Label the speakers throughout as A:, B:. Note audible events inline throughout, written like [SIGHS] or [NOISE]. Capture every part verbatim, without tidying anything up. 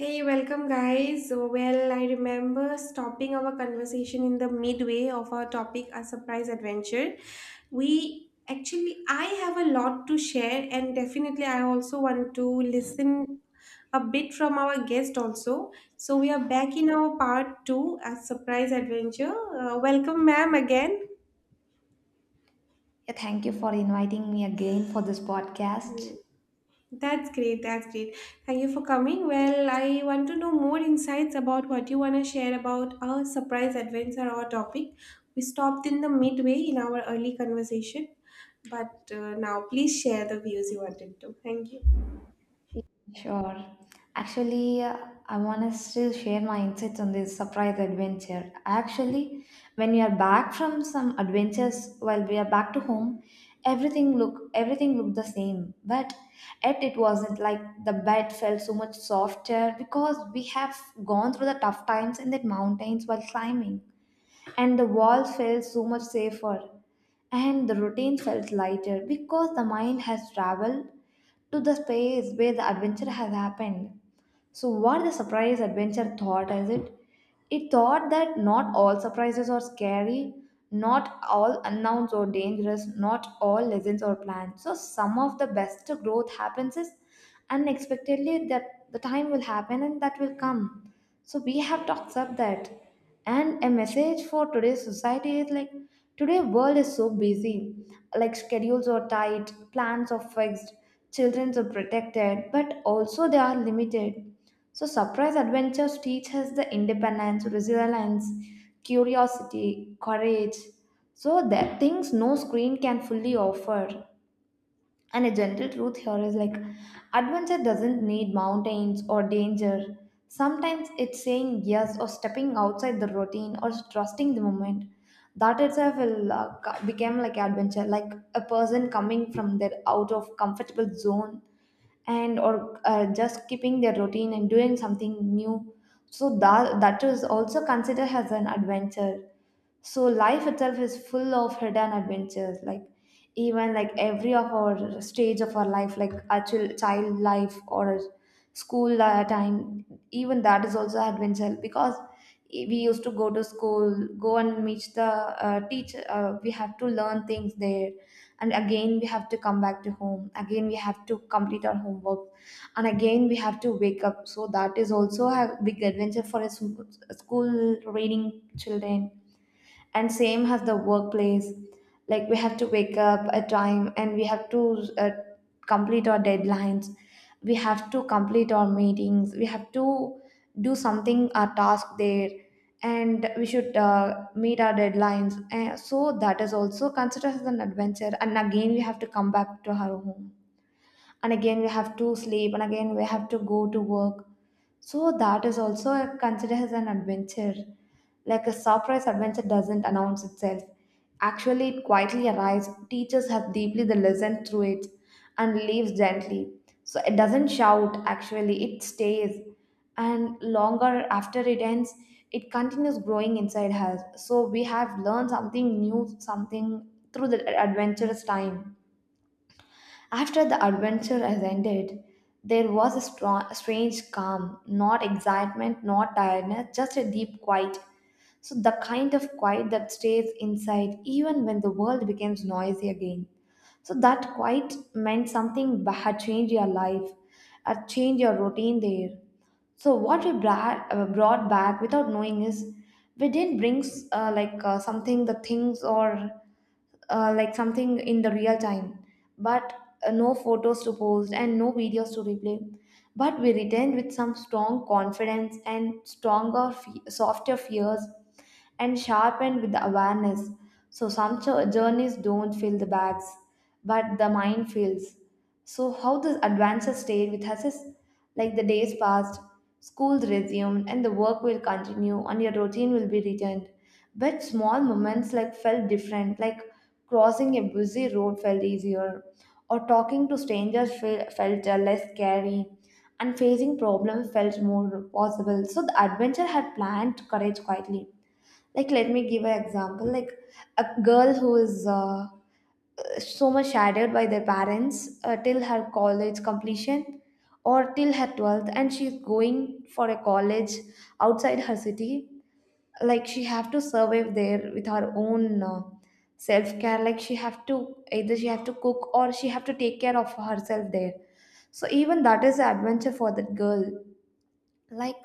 A: Hey, welcome, guys. So, Well, I remember stopping our conversation in the midway of our topic, a surprise adventure. We actually, I have a lot to share, and definitely, I also want to listen a bit from our guest also. So we are back in our part two, a surprise adventure. Uh, welcome, ma'am, again.
B: Yeah, thank you for inviting me again for this podcast.
A: Yes. That's great. That's great. Thank you for coming. Well, I want to know more insights about what you want to share about a surprise adventure or topic. We stopped in the midway in our early conversation, but uh, now please share the views you wanted to. Thank you.
B: Sure. Actually, uh, I want to still share my insights on this surprise adventure. Actually, when we are back from some adventures, while we are back to home, everything look everything looked the same. But yet it wasn't like the bed felt so much softer because we have gone through the tough times in the mountains while climbing, and the walls felt so much safer. And the routine felt lighter because the mind has traveled to the space where the adventure has happened. So, what the surprise adventure thought is it? It thought that not all surprises are scary, not all unknowns are dangerous, not all lessons are planned. So, some of the best growth happens is unexpectedly that the time will happen and that will come. So we have talked up that. And a message for today's society is like today world is so busy. Like schedules are tight, plans are fixed, children are protected, but also they are limited. So surprise adventures teach us the independence, resilience, curiosity, courage. So that things no screen can fully offer. And a gentle truth here is like adventure doesn't need mountains or danger. Sometimes it's saying yes or stepping outside the routine or trusting the moment. That itself will uh, co- become like adventure, like a person coming from their out of comfortable zone and or uh, just keeping their routine and doing something new. So that that is also considered as an adventure, so life itself is full of hidden adventures, like even like every of our stage of our life, like our chil- child life or school uh, time, even that is also adventure because e, we used to go to school, go and meet the uh, teacher. Uh, we have to learn things there, and again we have to come back to home, again we have to complete our homework, and again we have to wake up. So that is also a big adventure for a s- school reading children. And same has the workplace, like we have to wake up at time, and we have to uh, complete our deadlines, we have to complete our meetings, we have to do something our task there, and we should uh, meet our deadlines. And so that is also considered as an adventure, and again we have to come back to our home, and again we have to sleep, and again we have to go to work. So that is also considered as an adventure. Like a surprise adventure doesn't announce itself. Actually, it quietly arrives, teaches us deeply the lesson through it, and leaves gently. So it doesn't shout, actually, it stays. And longer after it ends, it continues growing inside us. So we have learned something new, something through the adventurous time. After the adventure has ended, there was a strong, strange calm, not excitement, not tiredness, just a deep quiet. So, the kind of quiet that stays inside even when the world becomes noisy again. So, that quiet meant something ba- had changed your life, had changed your routine there. So, what we bra- uh, brought back without knowing is we didn't bring s- uh, like uh, something, the things, or uh, like something in the real time, but uh, no photos to post and no videos to replay. But we returned with some strong confidence and stronger, fe- softer fears, and sharpened with the awareness. So some jo- journeys don't fill the bags, but the mind fills. So how this adventure stayed with us is like the days passed, schools resumed, and the work will continue, and your routine will be returned. But small moments like felt different, like crossing a busy road felt easier, or talking to strangers fe- felt uh, less scary, and facing problems felt more possible. So the adventure had planned courage quietly. Like, let me give an example. Like, a girl who is uh, so much shadowed by their parents uh, till her college completion or till her twelfth, and she's going for a college outside her city, like she have to survive there with her own uh, self care, like she have to, either she have to cook or she have to take care of herself there. So even that is an adventure for that girl, like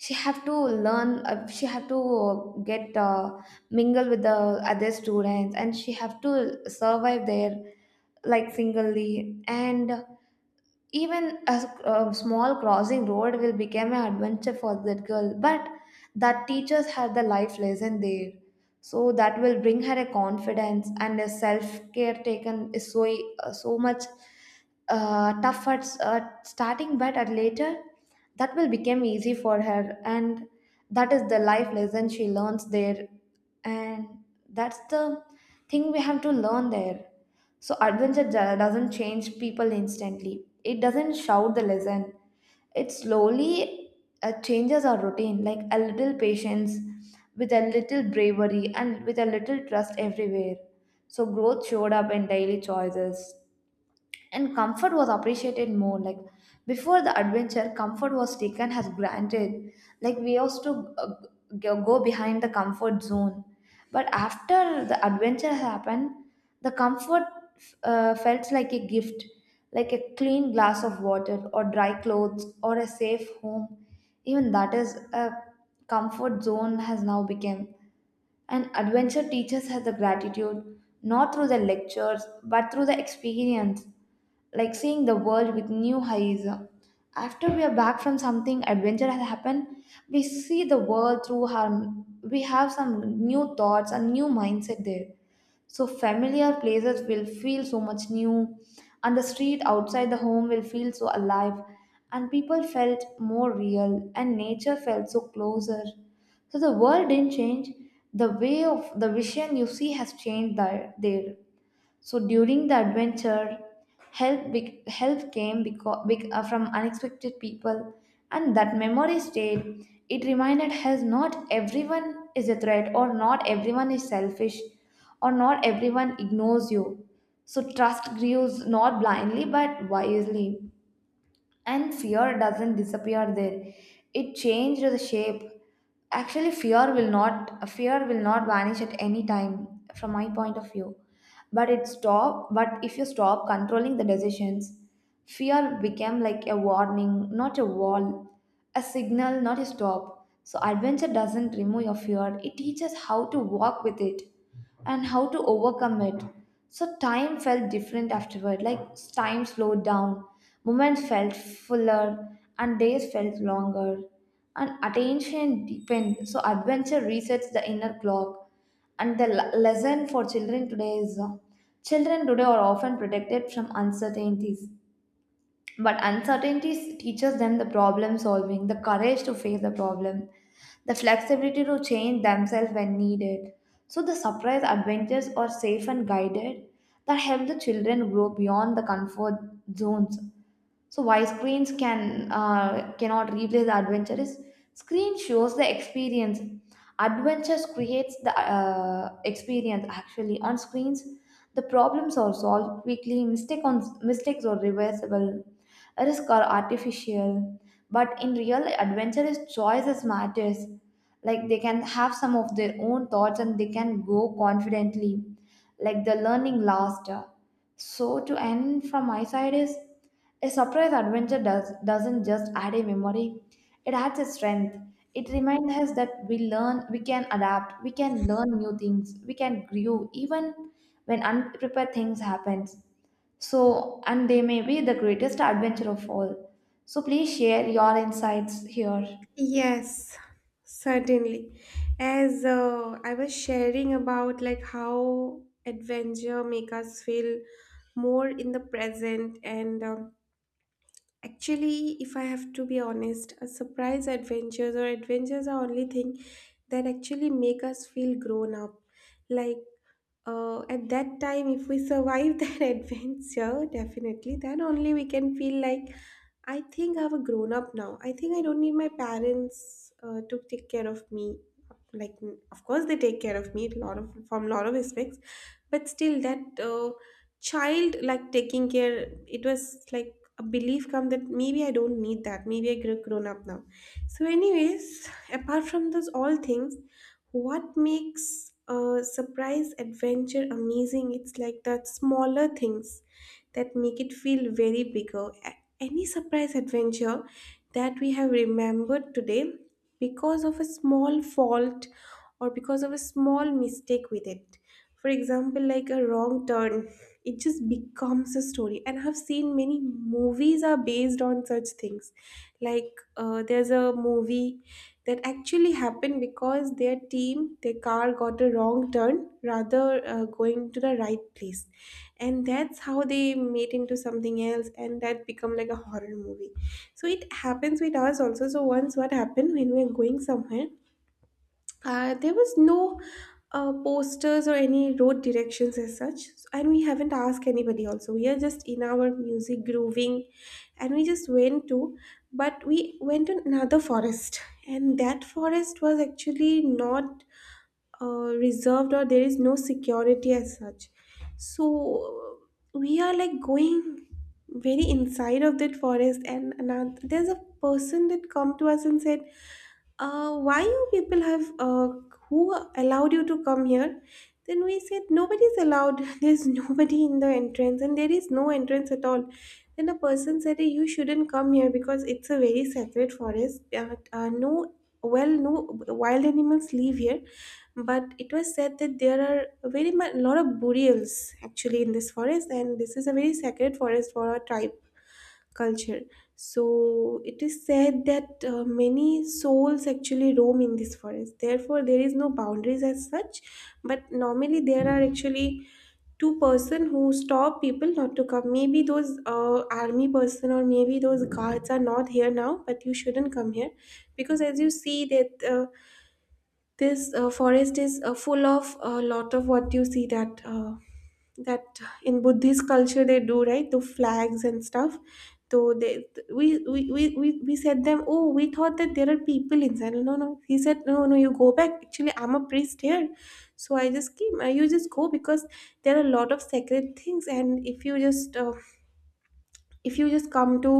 B: she have to learn, uh, she have to uh, get uh, mingle with the other students, and she have to survive there like singly. And even a, s- a small crossing road will become an adventure for that girl, but that teaches her the life lesson there. So that will bring her a confidence, and a self care taken is so uh, so much uh, tough at s- at starting, but at later that will become easy for her. And that is the life lesson she learns there. And that's the thing we have to learn there. So adventure do- doesn't change people instantly, it doesn't shout the lesson. It slowly uh, changes our routine, like a little patience with a little bravery and with a little trust everywhere. So growth showed up in daily choices, and comfort was appreciated more. Like before the adventure, comfort was taken as granted. Like we used to uh, go go behind the comfort zone. But after the adventure happened, the comfort uh, felt like a gift, like a clean glass of water, or dry clothes, or a safe home. Even that is a comfort zone has now become. And adventure teaches us the gratitude, not through the lectures, but through the experience, like seeing the world with new eyes. After we are back from something adventure has happened, we see the world through our, we have some new thoughts and new mindset there. So familiar places will feel so much new, and the street outside the home will feel so alive, and people felt more real, and nature felt so closer. So the world didn't change. The way of the vision you see has changed there. there. So during the adventure, help bec- help came because, from unexpected people, and that memory stayed. It reminded us not everyone is a threat, or not everyone is selfish, or not everyone ignores you. So trust grows not blindly but wisely, and fear doesn't disappear there, it changed the shape. Actually fear will not fear will not vanish at any time from my point of view. But it stop but if you stop controlling the decisions, fear became like a warning, not a wall, a signal, not a stop. So, adventure doesn't remove your fear, it teaches how to walk with it and how to overcome it. So, time felt different afterward, like time slowed down, moments felt fuller, and days felt longer. And attention deepened, so adventure resets the inner clock. And the le- lesson for children today is uh, children today are often protected from uncertainties. But uncertainty teaches them the problem solving, the courage to face the problem, the flexibility to change themselves when needed. So the surprise adventures are safe and guided, that help the children grow beyond the comfort zones. So why screens can uh, cannot replace the adventure is, screen shows the experience, adventures creates the uh, experience. Actually on screens the problems are solved quickly, mistake on mistakes are reversible, risk are artificial. But in real adventurous choices matters, like they can have some of their own thoughts and they can go confidently, like the learning last. So to end from my side is, a surprise adventure does, doesn't just add a memory, it adds a strength. It reminds us that we learn, we can adapt, we can learn new things, we can grow even when unprepared things happen. So, and they may be the greatest adventure of all. So please share your insights here.
A: Yes, certainly. As uh, I was sharing about like how adventure make us feel more in the present and um, Actually, if I have to be honest, a surprise adventures or adventures are only thing that actually make us feel grown up. Like uh, at that time, if we survive [LAUGHS] that adventure, definitely, then only we can feel like I think I'm a grown up now. I think I don't need my parents uh, to take care of me. Like, of course, they take care of me a lot of from lot of aspects, but still that uh, child like taking care, it was like a belief come that maybe I don't need that, maybe I grew grown up now. So anyways, apart from those all things, what makes a surprise adventure amazing, it's like that smaller things that make it feel very bigger. A- any surprise adventure that we have remembered today because of a small fault or because of a small mistake with it, for example like a wrong turn, it just becomes a story. And I've seen many movies are based on such things. Like uh, there's a movie that actually happened because their team, their car got a wrong turn rather uh, going to the right place, and that's how they made into something else and that become like a horror movie. So it happens with us also. So once what happened, when we were going somewhere, uh, there was no uh, posters or any road directions as such, and we haven't asked anybody also. We are just in our music grooving, and we just went to, but we went to another forest, and that forest was actually not uh, reserved, or there is no security as such. So we are like going very inside of that forest, and another, there's a person that come to us and said, uh, why you people have uh, who allowed you to come here. Then we said, nobody's allowed. [LAUGHS] There's nobody in the entrance and there is no entrance at all. Then a person said, "Hey, you shouldn't come here because it's a very sacred forest. Uh, uh, no well no wild animals live here, but it was said that there are very much lot of burials actually in this forest, and this is a very sacred forest for our tribe culture. So it is said that uh, many souls actually roam in this forest, therefore there is no boundaries as such. But normally there are actually two person who stop people, not to come. Maybe those uh, army person or maybe those guards are not here now, but you shouldn't come here, because as you see that uh, this uh, forest is uh, full of a lot of, what you see that uh, that in buddhist culture, they do right the flags and stuff." So they we we, we we we said them, "Oh, we thought that there are people inside." "No, no, no." He said, "No, no, you go back. Actually I'm a priest here, so I just came. Uh, you just go, because there are a lot of sacred things, and if you just uh, if you just come to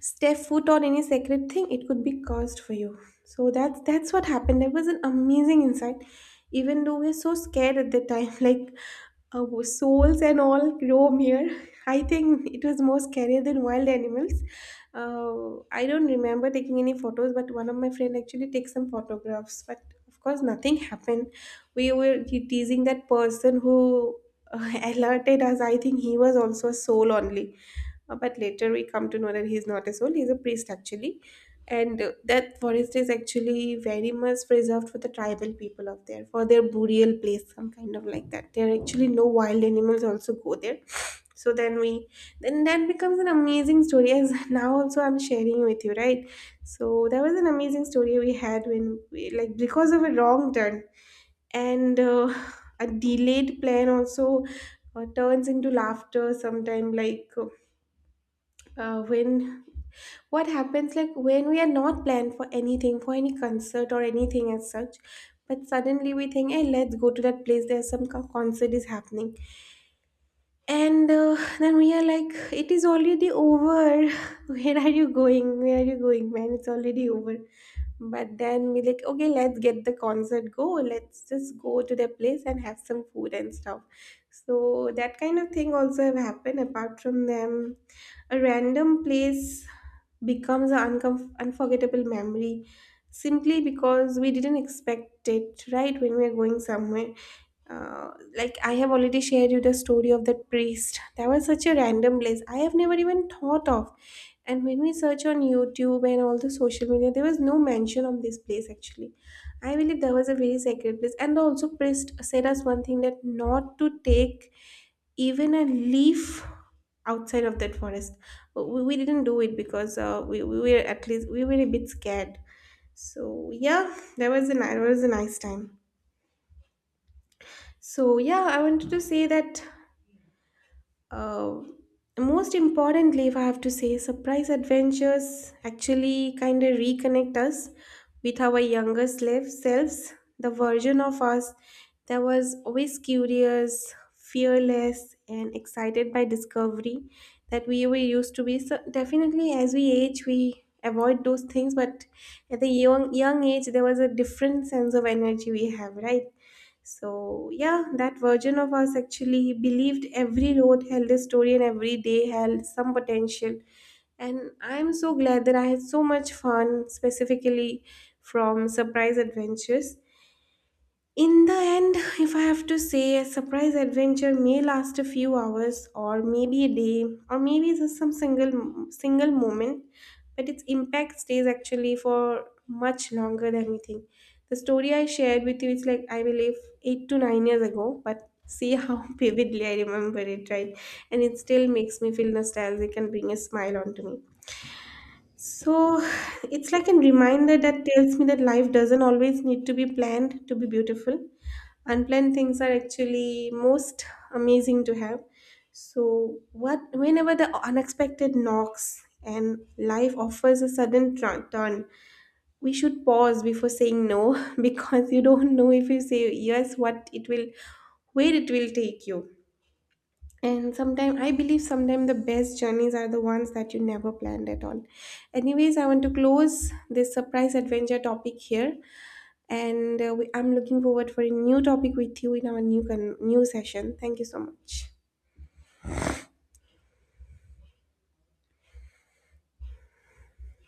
A: step foot on any sacred thing, it could be cursed for you." So that's that's what happened. That was an amazing insight, even though we're so scared at the time. [LAUGHS] Like, our souls and all roam here. [LAUGHS] I think it was more scarier than wild animals. uh, I don't remember taking any photos, but one of my friend actually took some photographs. But of course nothing happened. We were te- teasing that person who uh, [LAUGHS] alerted us. I think he was also a soul only. Uh, but later we come to know that he's not a soul, he's a priest actually. And uh, that forest is actually very much preserved for the tribal people of there, for their burial place, some kind of like that. There are actually no wild animals also go there. [SNIFFS] So then we, then that becomes an amazing story, as [LAUGHS] now also I'm sharing with you, right? So that was an amazing story we had, when we, like because of a wrong turn and uh, [SIGHS] a delayed plan also uh, turns into laughter sometime. Like uh, uh, when what happens, like when we are not planned for anything, for any concert or anything as such, but suddenly we think, hey, let's go to that place, there's some co- concert is happening. And uh, then we are like, it is already over. [LAUGHS] Where are you going, where are you going, man, it's already over. But then we like, okay, let's get the concert go, let's just go to the place and have some food and stuff. So that kind of thing also have happened. Apart from them, a random place becomes an uncom unforgettable memory, simply because we didn't expect it, right? When we are going somewhere, uh, like I have already shared you the story of that priest, that was such a random place I have never even thought of. And when we search on youtube and all the social media, there was no mention of this place actually. I believe there was a very sacred place, and also priest said us one thing, that not to take even a leaf outside of that forest. We, we didn't do it, because uh, we, we were, at least we were a bit scared. So yeah, that was a ni- that was a nice time. So yeah, I wanted to say that. Uh, Most importantly, if I have to say, surprise adventures actually kind of reconnect us with our younger slave selves, the version of us that was always curious, fearless, and excited by discovery, that we were used to be. So definitely, as we age, we avoid those things, but at the young young age, there was a different sense of energy we have, right? So yeah, that version of us actually believed every road held a story and every day held some potential. And I'm so glad that I had so much fun, specifically from surprise adventures. In the end, if I have to say, a surprise adventure may last a few hours, or maybe a day, or maybe just some single single moment, but its impact stays actually for much longer than we think. The story I shared with you is like I believe eight to nine years ago, but see how [LAUGHS] vividly I remember it, right? And it still makes me feel nostalgic and bring a smile onto me. So [SIGHS] it's like a reminder that tells me that life doesn't always need to be planned to be beautiful. Unplanned things are actually most amazing to have. So what whenever the unexpected knocks and life offers a sudden tr- turn, we should pause before saying no, [LAUGHS] because you don't know, if you say yes, what it will where it will take you. And sometimes, I believe, sometimes the best journeys are the ones that you never planned at all. Anyways, I want to close this surprise adventure topic here, and uh, we, I'm looking forward for a new topic with you in our new con- new session. Thank you so much.